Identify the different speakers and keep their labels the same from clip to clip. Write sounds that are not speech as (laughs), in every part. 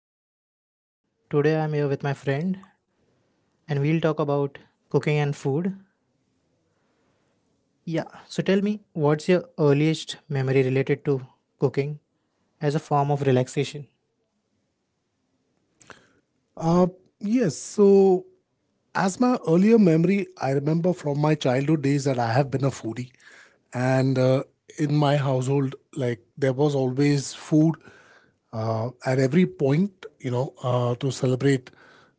Speaker 1: welcome everyone. Today I'm here with my friend and we'll talk about cooking and food. Yeah, so tell me, what's your earliest memory related to cooking as a form of relaxation?
Speaker 2: Uh, yes. So, as my earlier memory, I remember from my childhood days that I have been a foodie, and in my household, like there was always food at every point. You know, to celebrate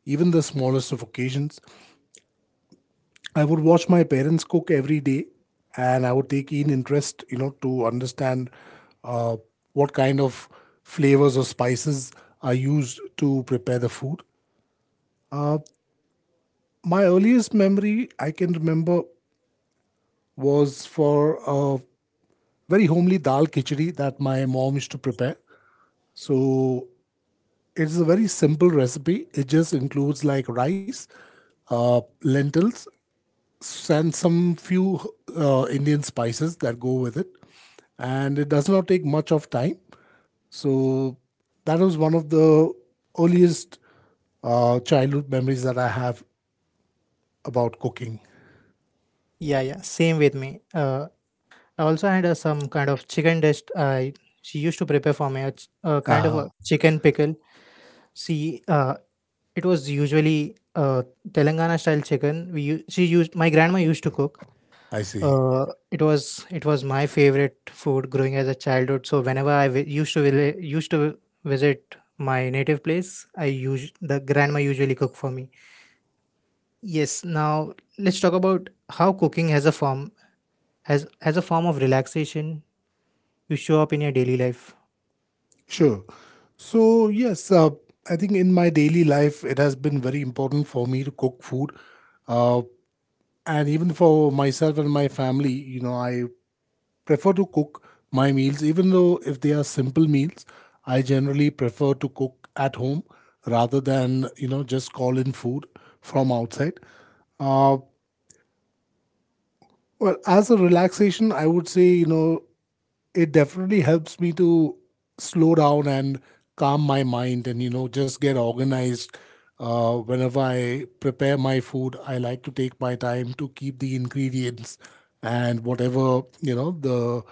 Speaker 2: even the smallest of occasions. I would watch my parents cook every day, and I would take keen interest, you know, to understand uh, what kind of flavors or spices are used to prepare the food. My earliest memory I can remember was for a very homely dal khichdi that my mom used to prepare. So it's a very simple recipe. It just includes like rice, lentils, and some few Indian spices that go with it. And it does not take much of time. So that was one of the earliest childhood memories that I have about cooking.
Speaker 1: Yeah, yeah, same with me. I also had some kind of chicken dish. I she used to prepare for me a kind of a
Speaker 2: Ah,
Speaker 1: chicken pickle. See, it was usually Telangana style chicken. We u- she used my grandma used to cook.
Speaker 2: I see.
Speaker 1: It was my favorite food growing as a childhood. So whenever I used to visit my native place, I use the grandma usually cook for me. Yes. Now let's talk about how cooking has a form has as a form of relaxation. You show up in your daily life.
Speaker 2: Sure. So, yes, I think in my daily life, it has been very important for me to cook food. Uh, and even for myself and my family, you know, I prefer to cook my meals, even though if they are simple meals, I generally prefer to cook at home rather than, you know, just call in food from outside. Uh, well, as a relaxation, I would say, you know, it definitely helps me to slow down and calm my mind, and you know, just get organized. Uh, whenever I prepare my food, I like to take my time to keep the ingredients, and whatever, you know, the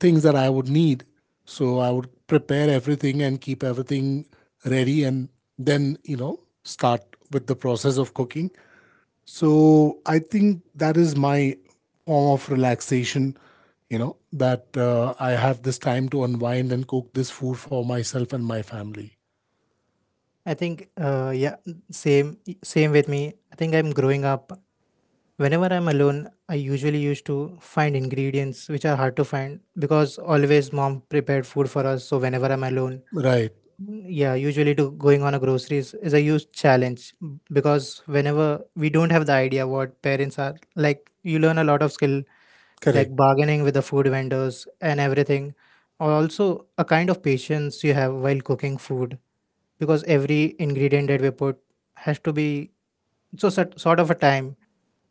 Speaker 2: things that I would need, so I would prepare everything and keep everything ready, and then, you know, start with the process of cooking. So I think that is my form of relaxation, you know, that I have this time to unwind and cook this food for myself and my family.
Speaker 1: I think yeah, same same with me. I think I'm growing up. Whenever I'm alone, I usually used to find ingredients which are hard to find because always mom prepared food for us. So whenever I'm alone,
Speaker 2: Right.
Speaker 1: mm, yeah, usually to going on a groceries is a huge challenge because whenever we don't have the idea what parents are like, you learn a lot of skill
Speaker 2: Correct.
Speaker 1: like bargaining with the food vendors and everything. Also, a kind of patience you have while cooking food, because every ingredient that we put has to be so sort of a time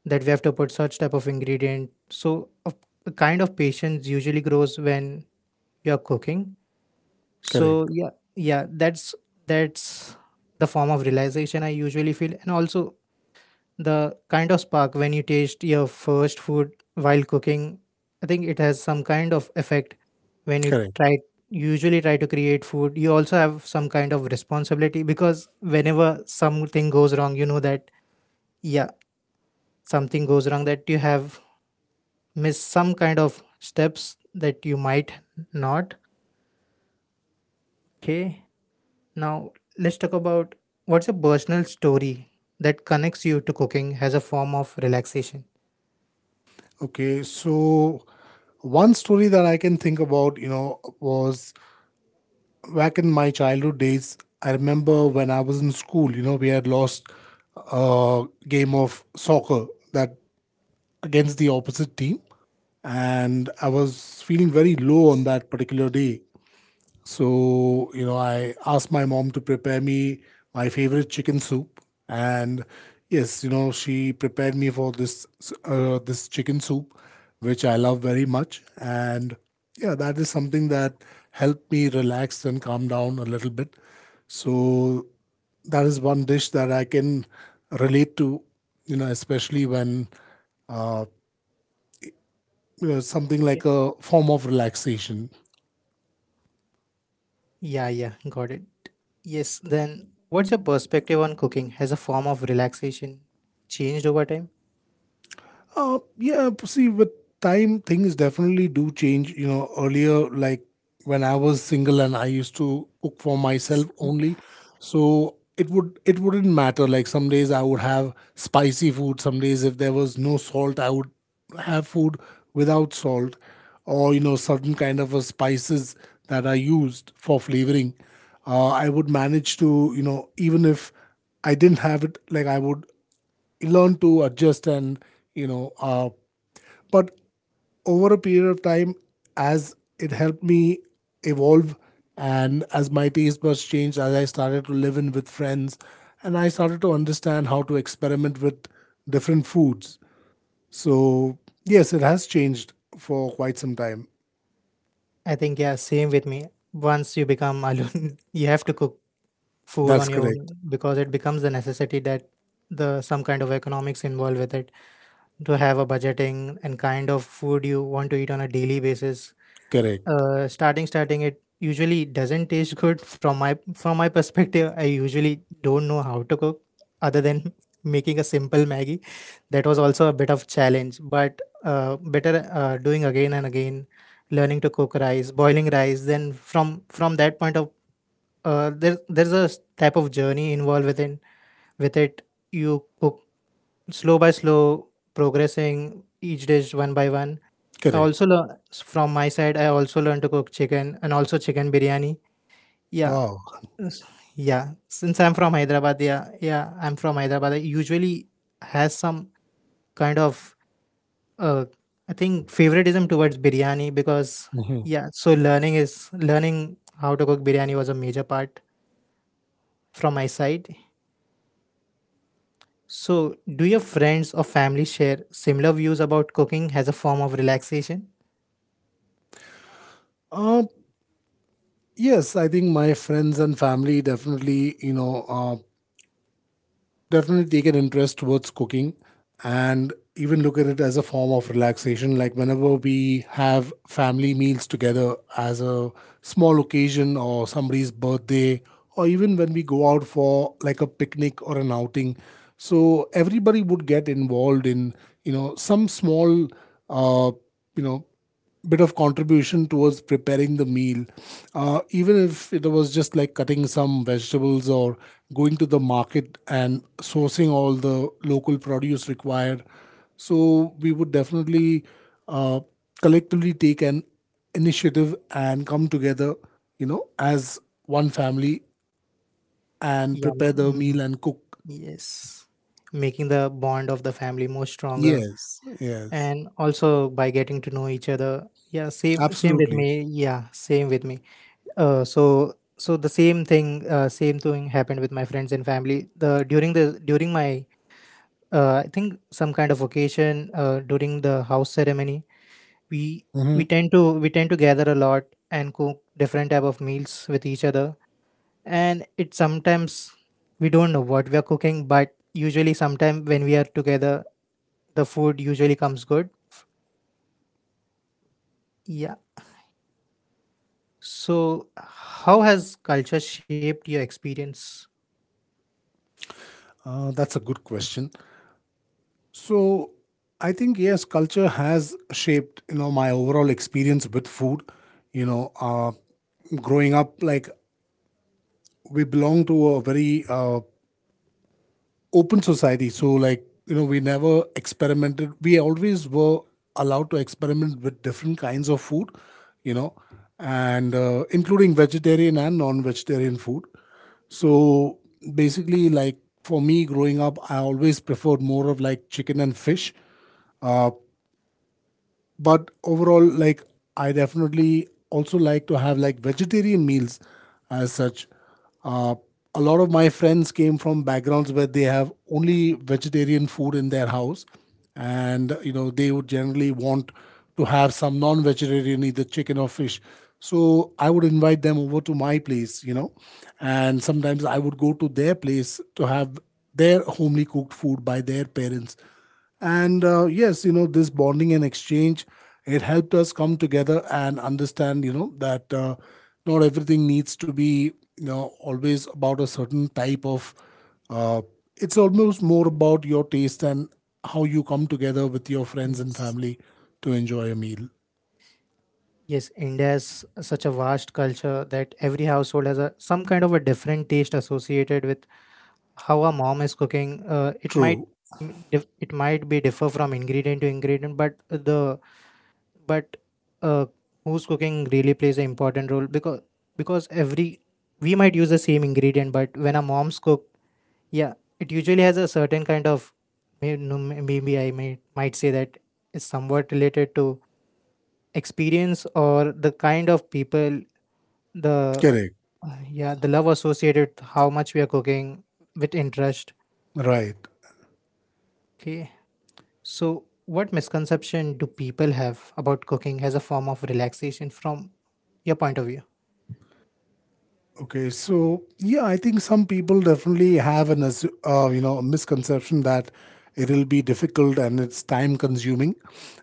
Speaker 1: that we have to put such type of ingredient. So a, a kind of patience usually grows when you are cooking. So
Speaker 2: Correct.
Speaker 1: yeah, yeah, that's that's the form of realization I usually feel. And also the kind of spark when you taste your first food while cooking, I think it has some kind of effect when you
Speaker 2: Correct.
Speaker 1: try usually try to create food. You also have some kind of responsibility, because whenever something goes wrong, you know that, yeah, something goes wrong, that you have missed some kind of steps that you might not. Okay. Now, let's talk about what's a personal story that connects you to cooking as a form of relaxation.
Speaker 2: Okay. So one story that I can think about, you know, was back in my childhood days. I remember when I was in school, you know, we had lost a game of soccer that against the opposite team. And I was feeling very low on that particular day. So, you know, I asked my mom to prepare me my favorite chicken soup. And yes, you know, she prepared me for this this chicken soup, which I love very much. And yeah, that is something that helped me relax and calm down a little bit. So that is one dish that I can relate to, you know, especially when uh, something
Speaker 1: Okay.
Speaker 2: like a form of relaxation.
Speaker 1: Yeah, yeah, got it. Yes, then what's your perspective on cooking as a form of relaxation changed over time?
Speaker 2: Yeah, see, with time, things definitely do change. You know, earlier, like when I was single and I used to cook for myself only, so it wouldn't matter. Like some days I would have spicy food. Some days, if there was no salt, I would have food without salt, or you know, certain kind of a spices that are used for flavoring. I would manage to, you know, even if I didn't have it, like I would learn to adjust and you know, but over a period of time, as it helped me evolve, and as my taste buds changed, as I started to live in with friends, and I started to understand how to experiment with different foods, so yes, it has changed for quite some time.
Speaker 1: I think, yeah, same with me. Once you become alone, (laughs) you have to cook food
Speaker 2: That's
Speaker 1: on your
Speaker 2: correct.
Speaker 1: own, because it becomes the necessity that the some kind of economics involved with it, to have a budgeting and kind of food you want to eat on a daily basis.
Speaker 2: Correct.
Speaker 1: Starting it usually doesn't taste good from my perspective. I usually don't know how to cook other than (laughs) making a simple Maggie. That was also a bit of challenge, but better, doing again and again, learning to cook rice, boiling rice. Then from that point of, there's a type of journey involved with it. You cook slow by slow, progressing each dish one by one. I
Speaker 2: Correct.
Speaker 1: also learn from my side. I also learned to cook chicken and also chicken biryani. Yeah,
Speaker 2: Wow.
Speaker 1: s- yeah. Since I'm from Hyderabad, yeah, yeah, I'm from Hyderabad. I usually has some kind of, uh, I think, favoritism towards biryani, because
Speaker 2: Mhm.
Speaker 1: yeah. So learning how to cook biryani was a major part from my side. So, do your friends or family share similar views about cooking as a form of relaxation?
Speaker 2: Uh, yes, I think my friends and family definitely, you know, definitely take an interest towards cooking and even look at it as a form of relaxation. Like whenever we have family meals together as a small occasion or somebody's birthday, or even when we go out for like a picnic or an outing. So everybody would get involved in, you know, some small, uh, you know, bit of contribution towards preparing the meal, even if it was just like cutting some vegetables or going to the market and sourcing all the local produce required. So we would definitely uh, collectively take an initiative and come together, you know, as one family and
Speaker 1: Yeah,
Speaker 2: prepare the meal and cook.
Speaker 1: yes, making the bond of the family more stronger,
Speaker 2: Yes, yes.
Speaker 1: and also by getting to know each other. Yeah, same with
Speaker 2: Absolutely.
Speaker 1: me. Yeah, same with me. So the same thing happened with my friends and family. The during my, I think, some kind of occasion, during the house ceremony, we we
Speaker 2: Hmm.
Speaker 1: tend to we tend to gather a lot and cook different type of meals with each other. And it sometimes we don't know what we are cooking, but usually sometime when we are together, the food usually comes good. Yeah, so how has culture shaped your experience?
Speaker 2: Uh, that's a good question. So I think yes, culture has shaped, you know, my overall experience with food. You know, growing up, like we belong to a very open society, so like you know, we never experimented. We always were allowed to experiment with different kinds of food. You know, and including vegetarian and non-vegetarian food. So basically, like for me growing up, I always preferred more of like chicken and fish, but overall, like I definitely also like to have like vegetarian meals as such. uh, a lot of my friends came from backgrounds where they have only vegetarian food in their house, and you know, they would generally want to have some non-vegetarian, either chicken or fish. So I would invite them over to my place, you know, and sometimes I would go to their place to have their homely cooked food by their parents. And yes, you know, this bonding and exchange, it helped us come together and understand, you know, that not everything needs to be, you know, always about a certain type of. Uh, it's almost more about your taste and how you come together with your friends and
Speaker 1: Yes.
Speaker 2: family to enjoy a meal.
Speaker 1: Yes, India has such a vast culture that every household has a some kind of a different taste associated with how a mom is cooking. It might
Speaker 2: True.
Speaker 1: it might be differ from ingredient to ingredient, but the but uh, who's cooking really plays an important role. Because every we might use the same ingredient, but when our moms cook, yeah, it usually has a certain kind of, no, maybe I might say that is somewhat related to experience or the kind of people, the
Speaker 2: Correct.
Speaker 1: yeah, the love associated with how much we are cooking with interest.
Speaker 2: Right.
Speaker 1: Okay. So what misconception do people have about cooking as a form of relaxation from your point of view?
Speaker 2: Okay, so yeah, I think some people definitely have an you know, misconception that it'll be difficult and it's time consuming,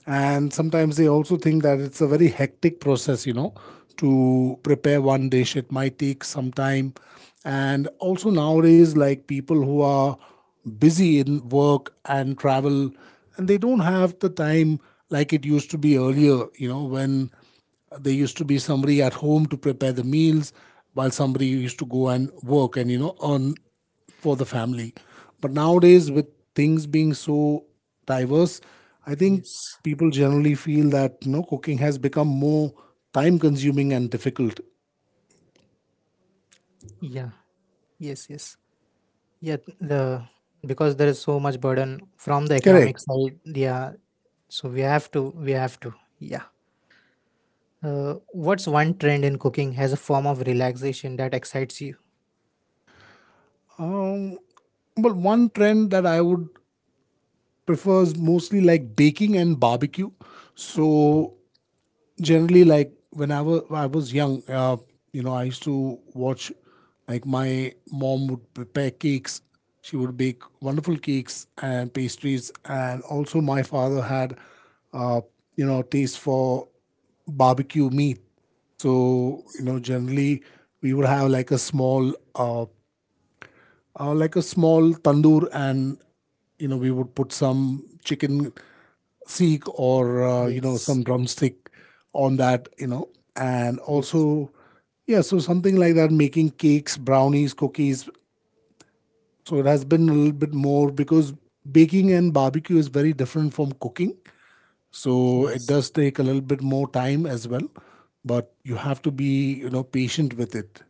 Speaker 2: and sometimes they also think that it's a very hectic process. You know, to prepare one dish, it might take some time, and also nowadays, like people who are busy in work and travel, and they don't have the time like it used to be earlier. You know, when there used to be somebody at home to prepare the meals, while somebody used to go and work and you know, earn for the family. But nowadays, with things being so diverse, I think
Speaker 1: Yes.
Speaker 2: people generally feel that you know, cooking has become more time-consuming and difficult.
Speaker 1: Yeah. Yes. Yes. Yeah. The because there is so much burden from the economic
Speaker 2: Correct.
Speaker 1: side. Yeah. So we have to. We have to. Yeah. What's one trend in cooking as a form of relaxation that excites you?
Speaker 2: Um, well, one trend that I would prefer is mostly like baking and barbecue. So generally, like whenever I was young, you know, I used to watch like my mom would prepare cakes. She would bake wonderful cakes and pastries, and also my father had, uh, you know, taste for barbecue meat. So you know, generally we would have like a small tandoor, and you know, we would put some chicken seek or you know,
Speaker 1: Yes.
Speaker 2: some drumstick on that, you know, and
Speaker 1: Yes.
Speaker 2: also yeah, so something like that, making cakes, brownies, cookies. So it has been a little bit more because baking and barbecue is very different from cooking. So it
Speaker 1: Yes.
Speaker 2: does take a little bit more time as well, but you have to be, you know, patient with it.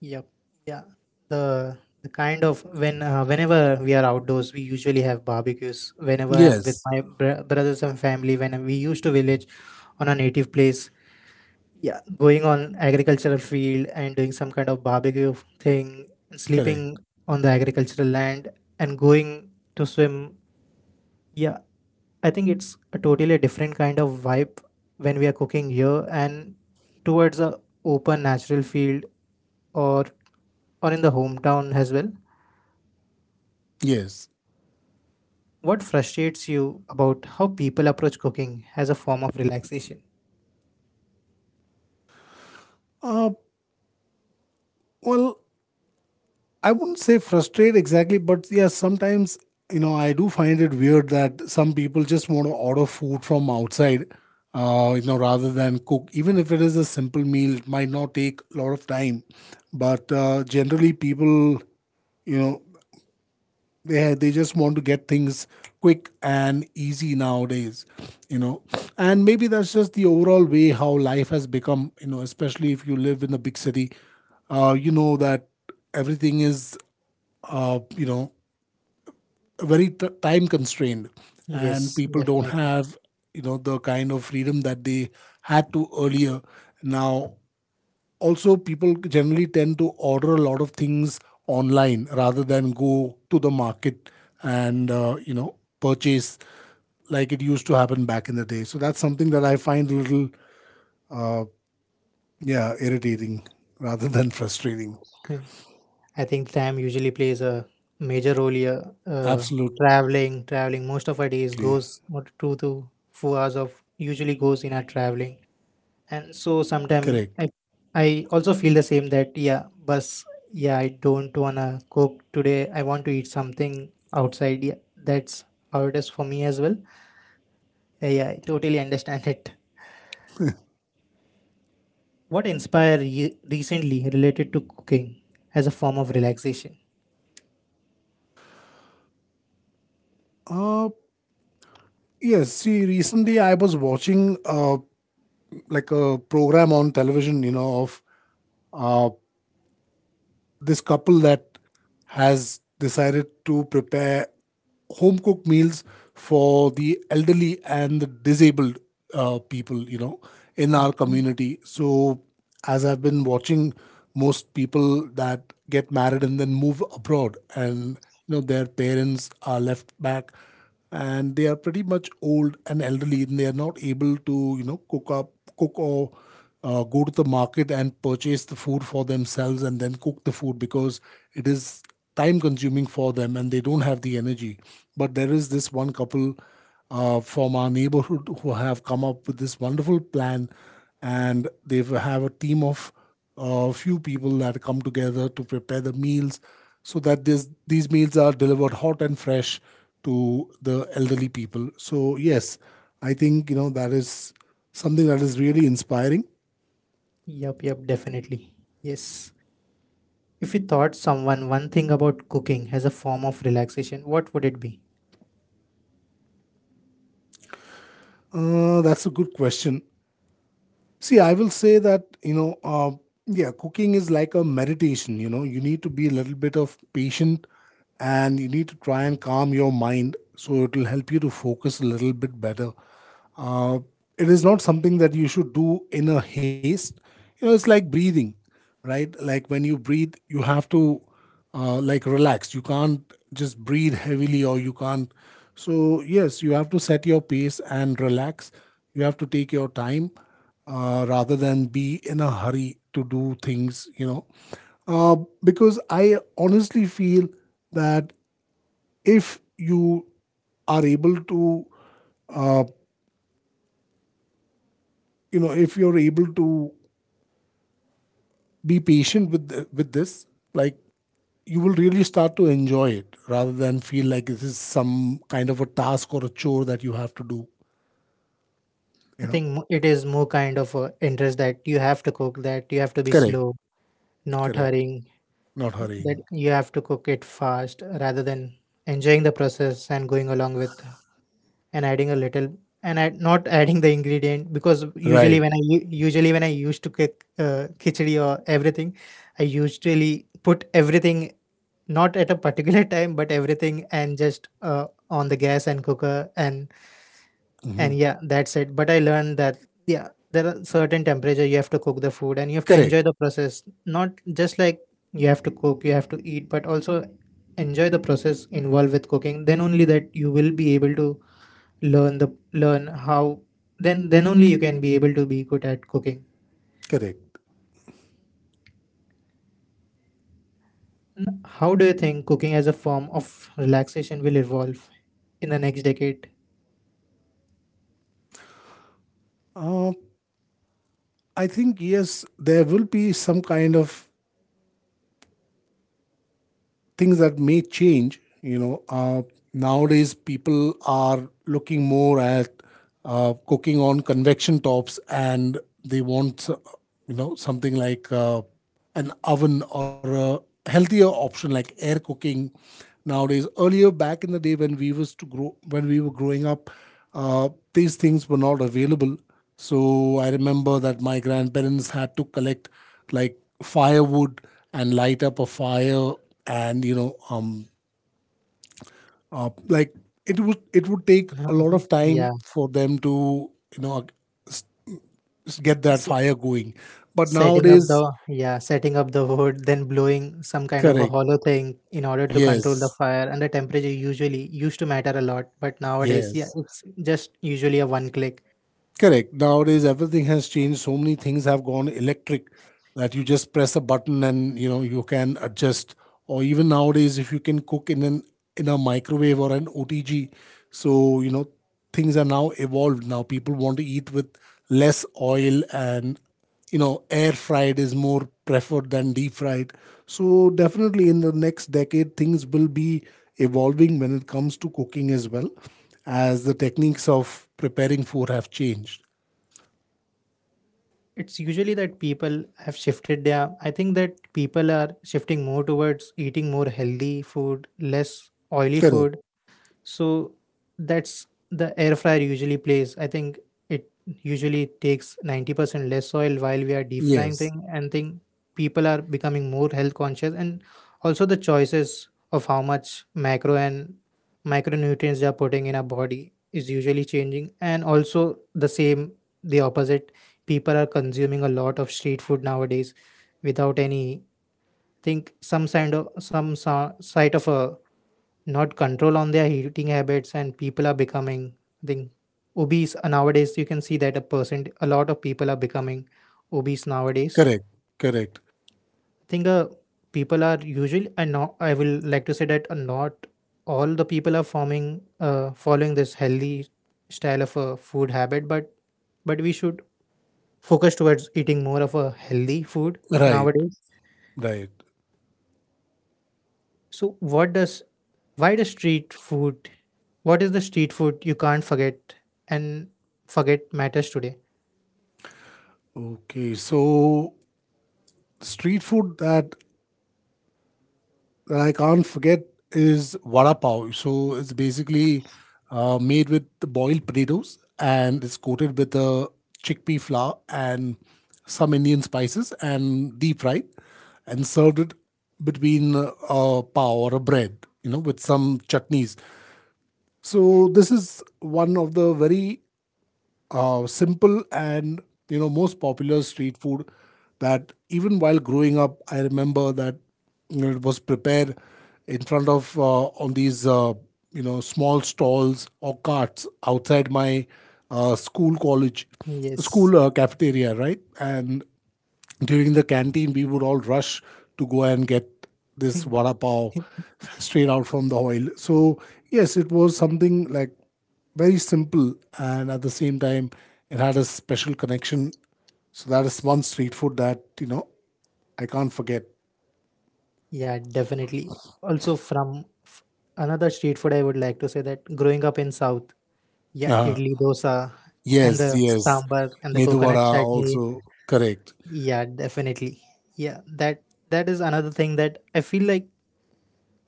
Speaker 1: Yep. Yeah. The kind of when Whenever we are outdoors, we usually have barbecues. Whenever I'm with
Speaker 2: Yes,
Speaker 1: my brothers and family, when we used to village on a native place, yeah, going on agricultural field and doing some kind of barbecue thing, sleeping
Speaker 2: correct.
Speaker 1: on the agricultural land and going to swim. Yeah, I think it's a totally different kind of vibe when we are cooking here and towards a open natural field, or or in the hometown as well.
Speaker 2: Yes.
Speaker 1: What frustrates you about how people approach cooking as a form of relaxation?
Speaker 2: Uh, well, I wouldn't say frustrate exactly, but yeah, sometimes, you know, I do find it weird that some people just want to order food from outside, you know, rather than cook. Even if it is a simple meal, it might not take a lot of time. But generally, people, you know, they just want to get things quick and easy nowadays, you know. And maybe that's just the overall way how life has become, you know, especially if you live in a big city. You know that everything is you know, very time constrained, and
Speaker 1: Yes,
Speaker 2: people don't
Speaker 1: definitely.
Speaker 2: have, you know, the kind of freedom that they had to earlier. Now also people generally tend to order a lot of things online rather than go to the market and you know, purchase like it used to happen back in the day. So that's something that I find a little, yeah, irritating rather than frustrating.
Speaker 1: (laughs) I think time usually plays a major role here.
Speaker 2: Absolutely.
Speaker 1: Traveling, traveling. Most of our days goes what 2 to 4 hours of usually goes in our traveling. And so
Speaker 2: Correct.
Speaker 1: sometimes I also feel the same that, yeah, bus. Yeah, I don't wanna cook today. I want to eat something outside. Yeah, that's how it is for me as well. Yeah, yeah, I totally understand it. What inspired you recently related to cooking as a form of relaxation?
Speaker 2: Uh yes see, recently I was watching a like a program on television, you know, of this couple that has decided to prepare home cooked meals for the elderly and the disabled people, you know, in our
Speaker 1: Okay.
Speaker 2: community. So, as I've been watching, most people that get married and then move abroad, and you know, their parents are left back, and they are pretty much old and elderly, and they are not able to, you know, cook or go to the market and purchase the food for themselves and then cook the food because it is time consuming for them and they don't have the energy. But there is this one couple from our neighborhood who have come up with this wonderful plan, and they have a team of a few people that come together to prepare the meals so that these meals are delivered hot and fresh to the elderly people. So, yes, I think you know, that is something that is really inspiring.
Speaker 1: Yep, yep, definitely. Yes. If you thought someone one thing about cooking as a form of relaxation, what would it be?
Speaker 2: That's a good question. See, I will say that, cooking is like a meditation. You know, you need to be a little bit of patient, and you need to try and calm your mind so it will help you to focus a little bit better. Uh, it is not something that you should do in a haste. You know, it's like breathing, right? Like when you breathe, you have to like relax. You can't just breathe heavily or you can't. So yes, you have to set your pace and relax. You have to take your time rather than be in a hurry to do things, Uh, because I honestly feel that if you are able to, uh, if you're able to be patient with with this, like you will really start to enjoy it rather than feel like this is some kind of a task or a chore that you have to do
Speaker 1: I
Speaker 2: you know
Speaker 1: think it is more kind of a interest that you have to cook, that you have to be
Speaker 2: Correct.
Speaker 1: slow, not
Speaker 2: Correct.
Speaker 1: hurrying,
Speaker 2: Not
Speaker 1: that
Speaker 2: hurrying.
Speaker 1: you have to cook it fast rather than enjoying the process and going along with, and adding a little, and not adding the ingredient, because usually
Speaker 2: Right.
Speaker 1: usually when I used to cook, khichdi or everything, I usually put everything, not at a particular (laughs) time, but everything and just, on the gas and cooker, and
Speaker 2: Hmm.
Speaker 1: yeah, that's it. But I learned that, yeah, there are certain temperature you have to cook the food, and you have to
Speaker 2: Correct.
Speaker 1: enjoy the process. Not just like you have to cook, you have to eat, but also enjoy the process involved with cooking. Then only that you will be able to learn the, learn how then only you can be able to be good at cooking.
Speaker 2: Correct.
Speaker 1: How do you think cooking as a form of relaxation will evolve in the next decade?
Speaker 2: Uh, i think yes, there will be some kind of things that may change. Nowadays people are looking more at cooking on convection tops, and they want something like an oven or a healthier option like air cooking. Nowadays, earlier back in the day when we was to grow when we were growing up, these things were not available. So I remember that my grandparents had to collect like firewood and light up a fire, and like it would take a lot of time
Speaker 1: Yeah.
Speaker 2: for them to you know s- get that fire going. But nowadays,
Speaker 1: Setting up the wood, then blowing some kind of a
Speaker 2: correct?
Speaker 1: hollow thing in order to control the
Speaker 2: Yes,
Speaker 1: fire and the temperature, usually used to matter a lot, but nowadays, yeah,
Speaker 2: yes.
Speaker 1: it's just usually a one click.
Speaker 2: Correct. Nowadays, everything has changed. So many things have gone electric that you just press a button and you know you can adjust. Or even nowadays, if you can cook in an in a microwave or an OTG, so you know things are now evolved. Now people want to eat with less oil, and you know air fried is more preferred than deep fried. So definitely in the next decade things will be evolving when it comes to cooking, as well as the techniques of preparing food have changed.
Speaker 1: It's usually that people have shifted their, I think that people are shifting more towards eating more healthy food, less oily
Speaker 2: Correct.
Speaker 1: food. So that's the air fryer usually plays. I think it usually takes 90% less oil while we are deep frying
Speaker 2: Yes.
Speaker 1: thing, and think people are becoming more health conscious. And also the choices of how much macro and micronutrients they are putting in our body is usually changing, and also the same, the opposite, people are consuming a lot of street food nowadays without any, think some kind of some sight of a not control on their eating habits, and people are becoming, I think, obese. Nowadays you can see that a percent a lot of people are becoming obese nowadays.
Speaker 2: Correct. Correct.
Speaker 1: I think, people are usually, I know, I will like to say that, not all the people are forming following this healthy style of a food habit, but we should focus towards eating more of a healthy food
Speaker 2: Right.
Speaker 1: nowadays.
Speaker 2: Right.
Speaker 1: So why does street food what is the street food you can't forget and forget matters today?
Speaker 2: Okay, so street food that I can't forget is vada pav. So it's basically made with the boiled potatoes and it's coated with the chickpea flour and some Indian spices and deep fried, and served it between a pav or a bread, you know, with some chutneys. So this is one of the very simple and you know most popular street food, that even while growing up I remember that, you know, it was prepared in front of on these small stalls or carts outside my school college,
Speaker 1: Yes.
Speaker 2: school cafeteria, right? And during the canteen, we would all rush to go and get this vada pav (laughs) straight out from the oil. So yes, it was something like very simple, and at the same time, it had a special connection. So that is one street food that, you know, I can't forget.
Speaker 1: Yeah, definitely. Also from another street food I would like to say that growing up in South, yeah,
Speaker 2: Uh,
Speaker 1: idli dosa and the
Speaker 2: yes, yes.
Speaker 1: sambar and the
Speaker 2: Medu
Speaker 1: coconut
Speaker 2: vada
Speaker 1: chutney.
Speaker 2: also. Correct,
Speaker 1: Yeah, definitely. Yeah, that is another thing that I feel like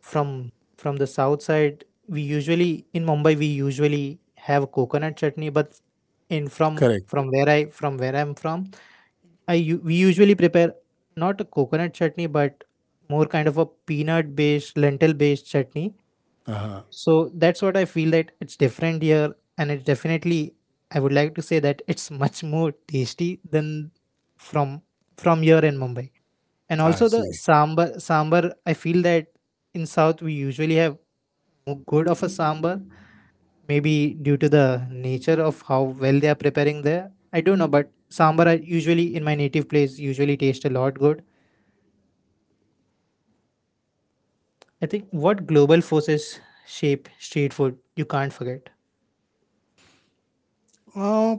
Speaker 1: from the south side we usually, in Mumbai we usually have coconut chutney, but in
Speaker 2: correct.
Speaker 1: from where I from where I'm from, we usually prepare not a coconut chutney, but more kind of a peanut based lentil based chutney.
Speaker 2: Uh-huh.
Speaker 1: So that's what I feel that it's different here, and it's definitely, I would like to say that it's (laughs) much more tasty than from here in Mumbai. And
Speaker 2: I
Speaker 1: also the
Speaker 2: see.
Speaker 1: sambar, I feel that in south we usually have more good of a sambar, maybe due to the nature of how well they are preparing there. I don't know, but sambar I usually in my native place usually taste a lot good. I think what global forces shape street food you can't forget?
Speaker 2: Uh,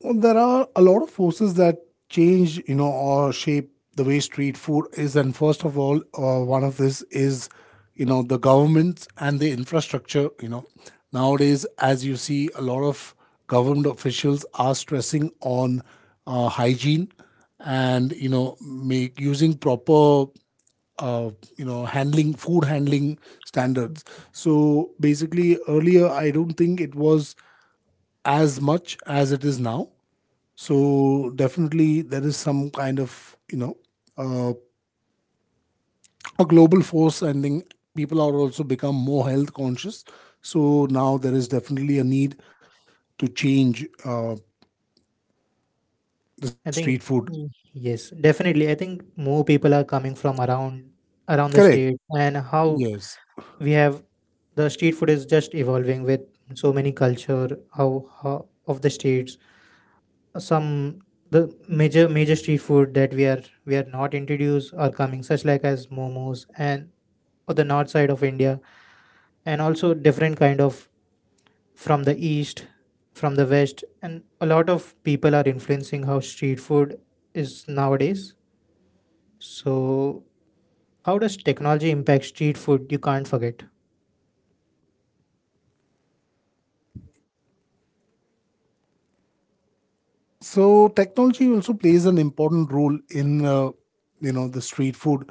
Speaker 2: Well, there are a lot of forces that change, you know, or shape the way street food is. And first of all, one of this is, you know, the governments and the infrastructure. You know, nowadays, as you see, a lot of government officials are stressing on hygiene, and you know make using proper uh, handling, food handling standards. So basically earlier I don't think it was as much as it is now. So definitely there is some kind of uh, a global force, and then people are also become more health conscious. So now there is definitely a need to change the
Speaker 1: I
Speaker 2: street
Speaker 1: think.
Speaker 2: food.
Speaker 1: Mm. Yes, definitely. I think more people are coming from around the
Speaker 2: Correct.
Speaker 1: state, and how
Speaker 2: Yes.
Speaker 1: we have the street food is just evolving with so many culture, how, how of the states. Some The major street food that we are not introduced are coming, such like as momos and or the north side of India, and also different kind of from the east, from the west, and a lot of people are influencing how street food is nowadays. So, how does technology impact street food? You can't forget.
Speaker 2: So technology also plays an important role in you know the street food,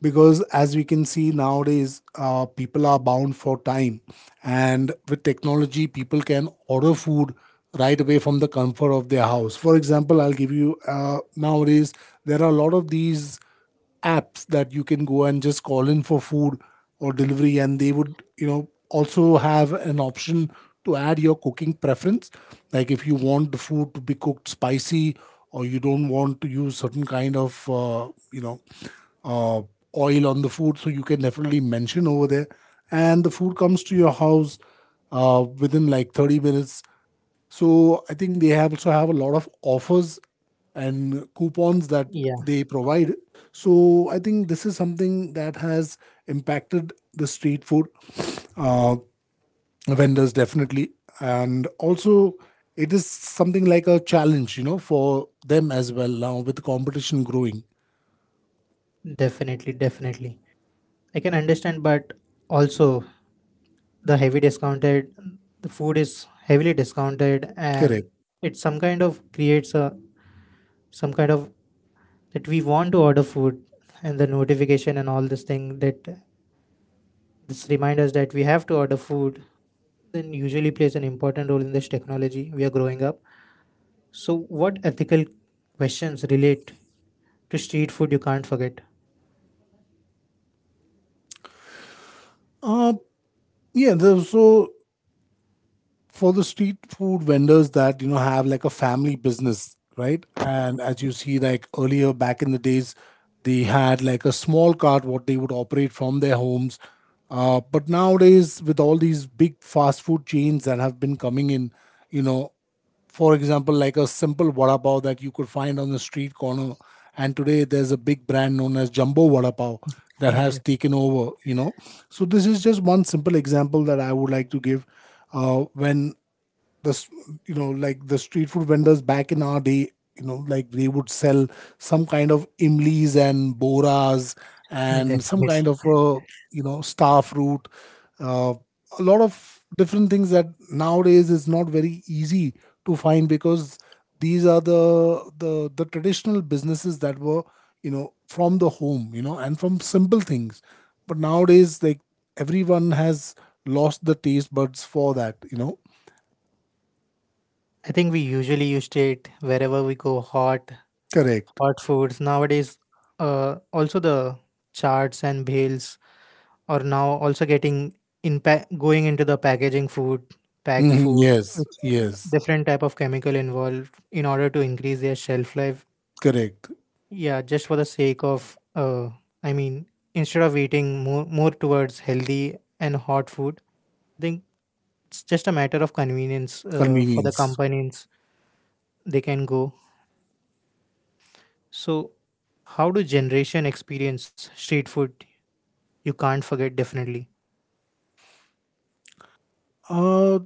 Speaker 2: because as we can see nowadays people are bound for time, and with technology people can order food right away from the comfort of their house. For example, I'll give you, nowadays there are a lot of these apps that you can go and just call in for food or delivery, and they would you know also have an option to add your cooking preference, like if you want the food to be cooked spicy, or you don't want to use certain kind of you know uh, oil on the food, so you can definitely mention over there, and the food comes to your house within like 30 minutes. So I think they have also have a lot of offers and coupons that
Speaker 1: Yeah,
Speaker 2: they provide. So I think this is something that has impacted the street food uh, vendors definitely, and also it is something like a challenge, you know, for them as well now with competition growing.
Speaker 1: definitely, I can understand, but also the heavy discounted, the food is heavily discounted, and
Speaker 2: Correct.
Speaker 1: it some kind of creates a some kind of that we want to order food, and the notification and all this thing that this reminds us that we have to order food, then usually plays an important role in this technology we are growing up. So, what ethical questions relate to street food you can't forget?
Speaker 2: Uh, So for the street food vendors that you know have like a family business, right? And as you see, like earlier back in the days they had like a small cart what they would operate from their homes, but nowadays with all these big fast food chains that have been coming in, you know, for example, like a simple vada pav that you could find on the street corner. And today there's a big brand known as Jumbo Vada Pav that has
Speaker 1: Def-
Speaker 2: taken over, you know. So this is just one simple example that I would like to give, uh, when the s- you know like the street food vendors back in our day, you know, like they would sell some kind of imlis and boras and some
Speaker 1: Definitely.
Speaker 2: kind of star fruit, uh, a lot of different things that nowadays is not very easy to find, because these are the the traditional businesses that were you know from the home, you know, and from simple things. But nowadays like everyone has lost the taste buds for that, you know.
Speaker 1: I think we usually used it wherever we go hot,
Speaker 2: Correct.
Speaker 1: hot foods. Nowadays, also the charts and bales are now also getting going into the packaging food, pack
Speaker 2: Mhm,
Speaker 1: food,
Speaker 2: yes,
Speaker 1: which,
Speaker 2: yes,
Speaker 1: different type of chemical involved in order to increase their shelf life.
Speaker 2: correct.
Speaker 1: Yeah, just for the sake of, I mean, instead of eating more towards healthy and hot food, I think it's just a matter of convenience, for the
Speaker 2: Convenience.
Speaker 1: companies. They can go. So, how do generation experience street food? You can't forget definitely.
Speaker 2: Uh,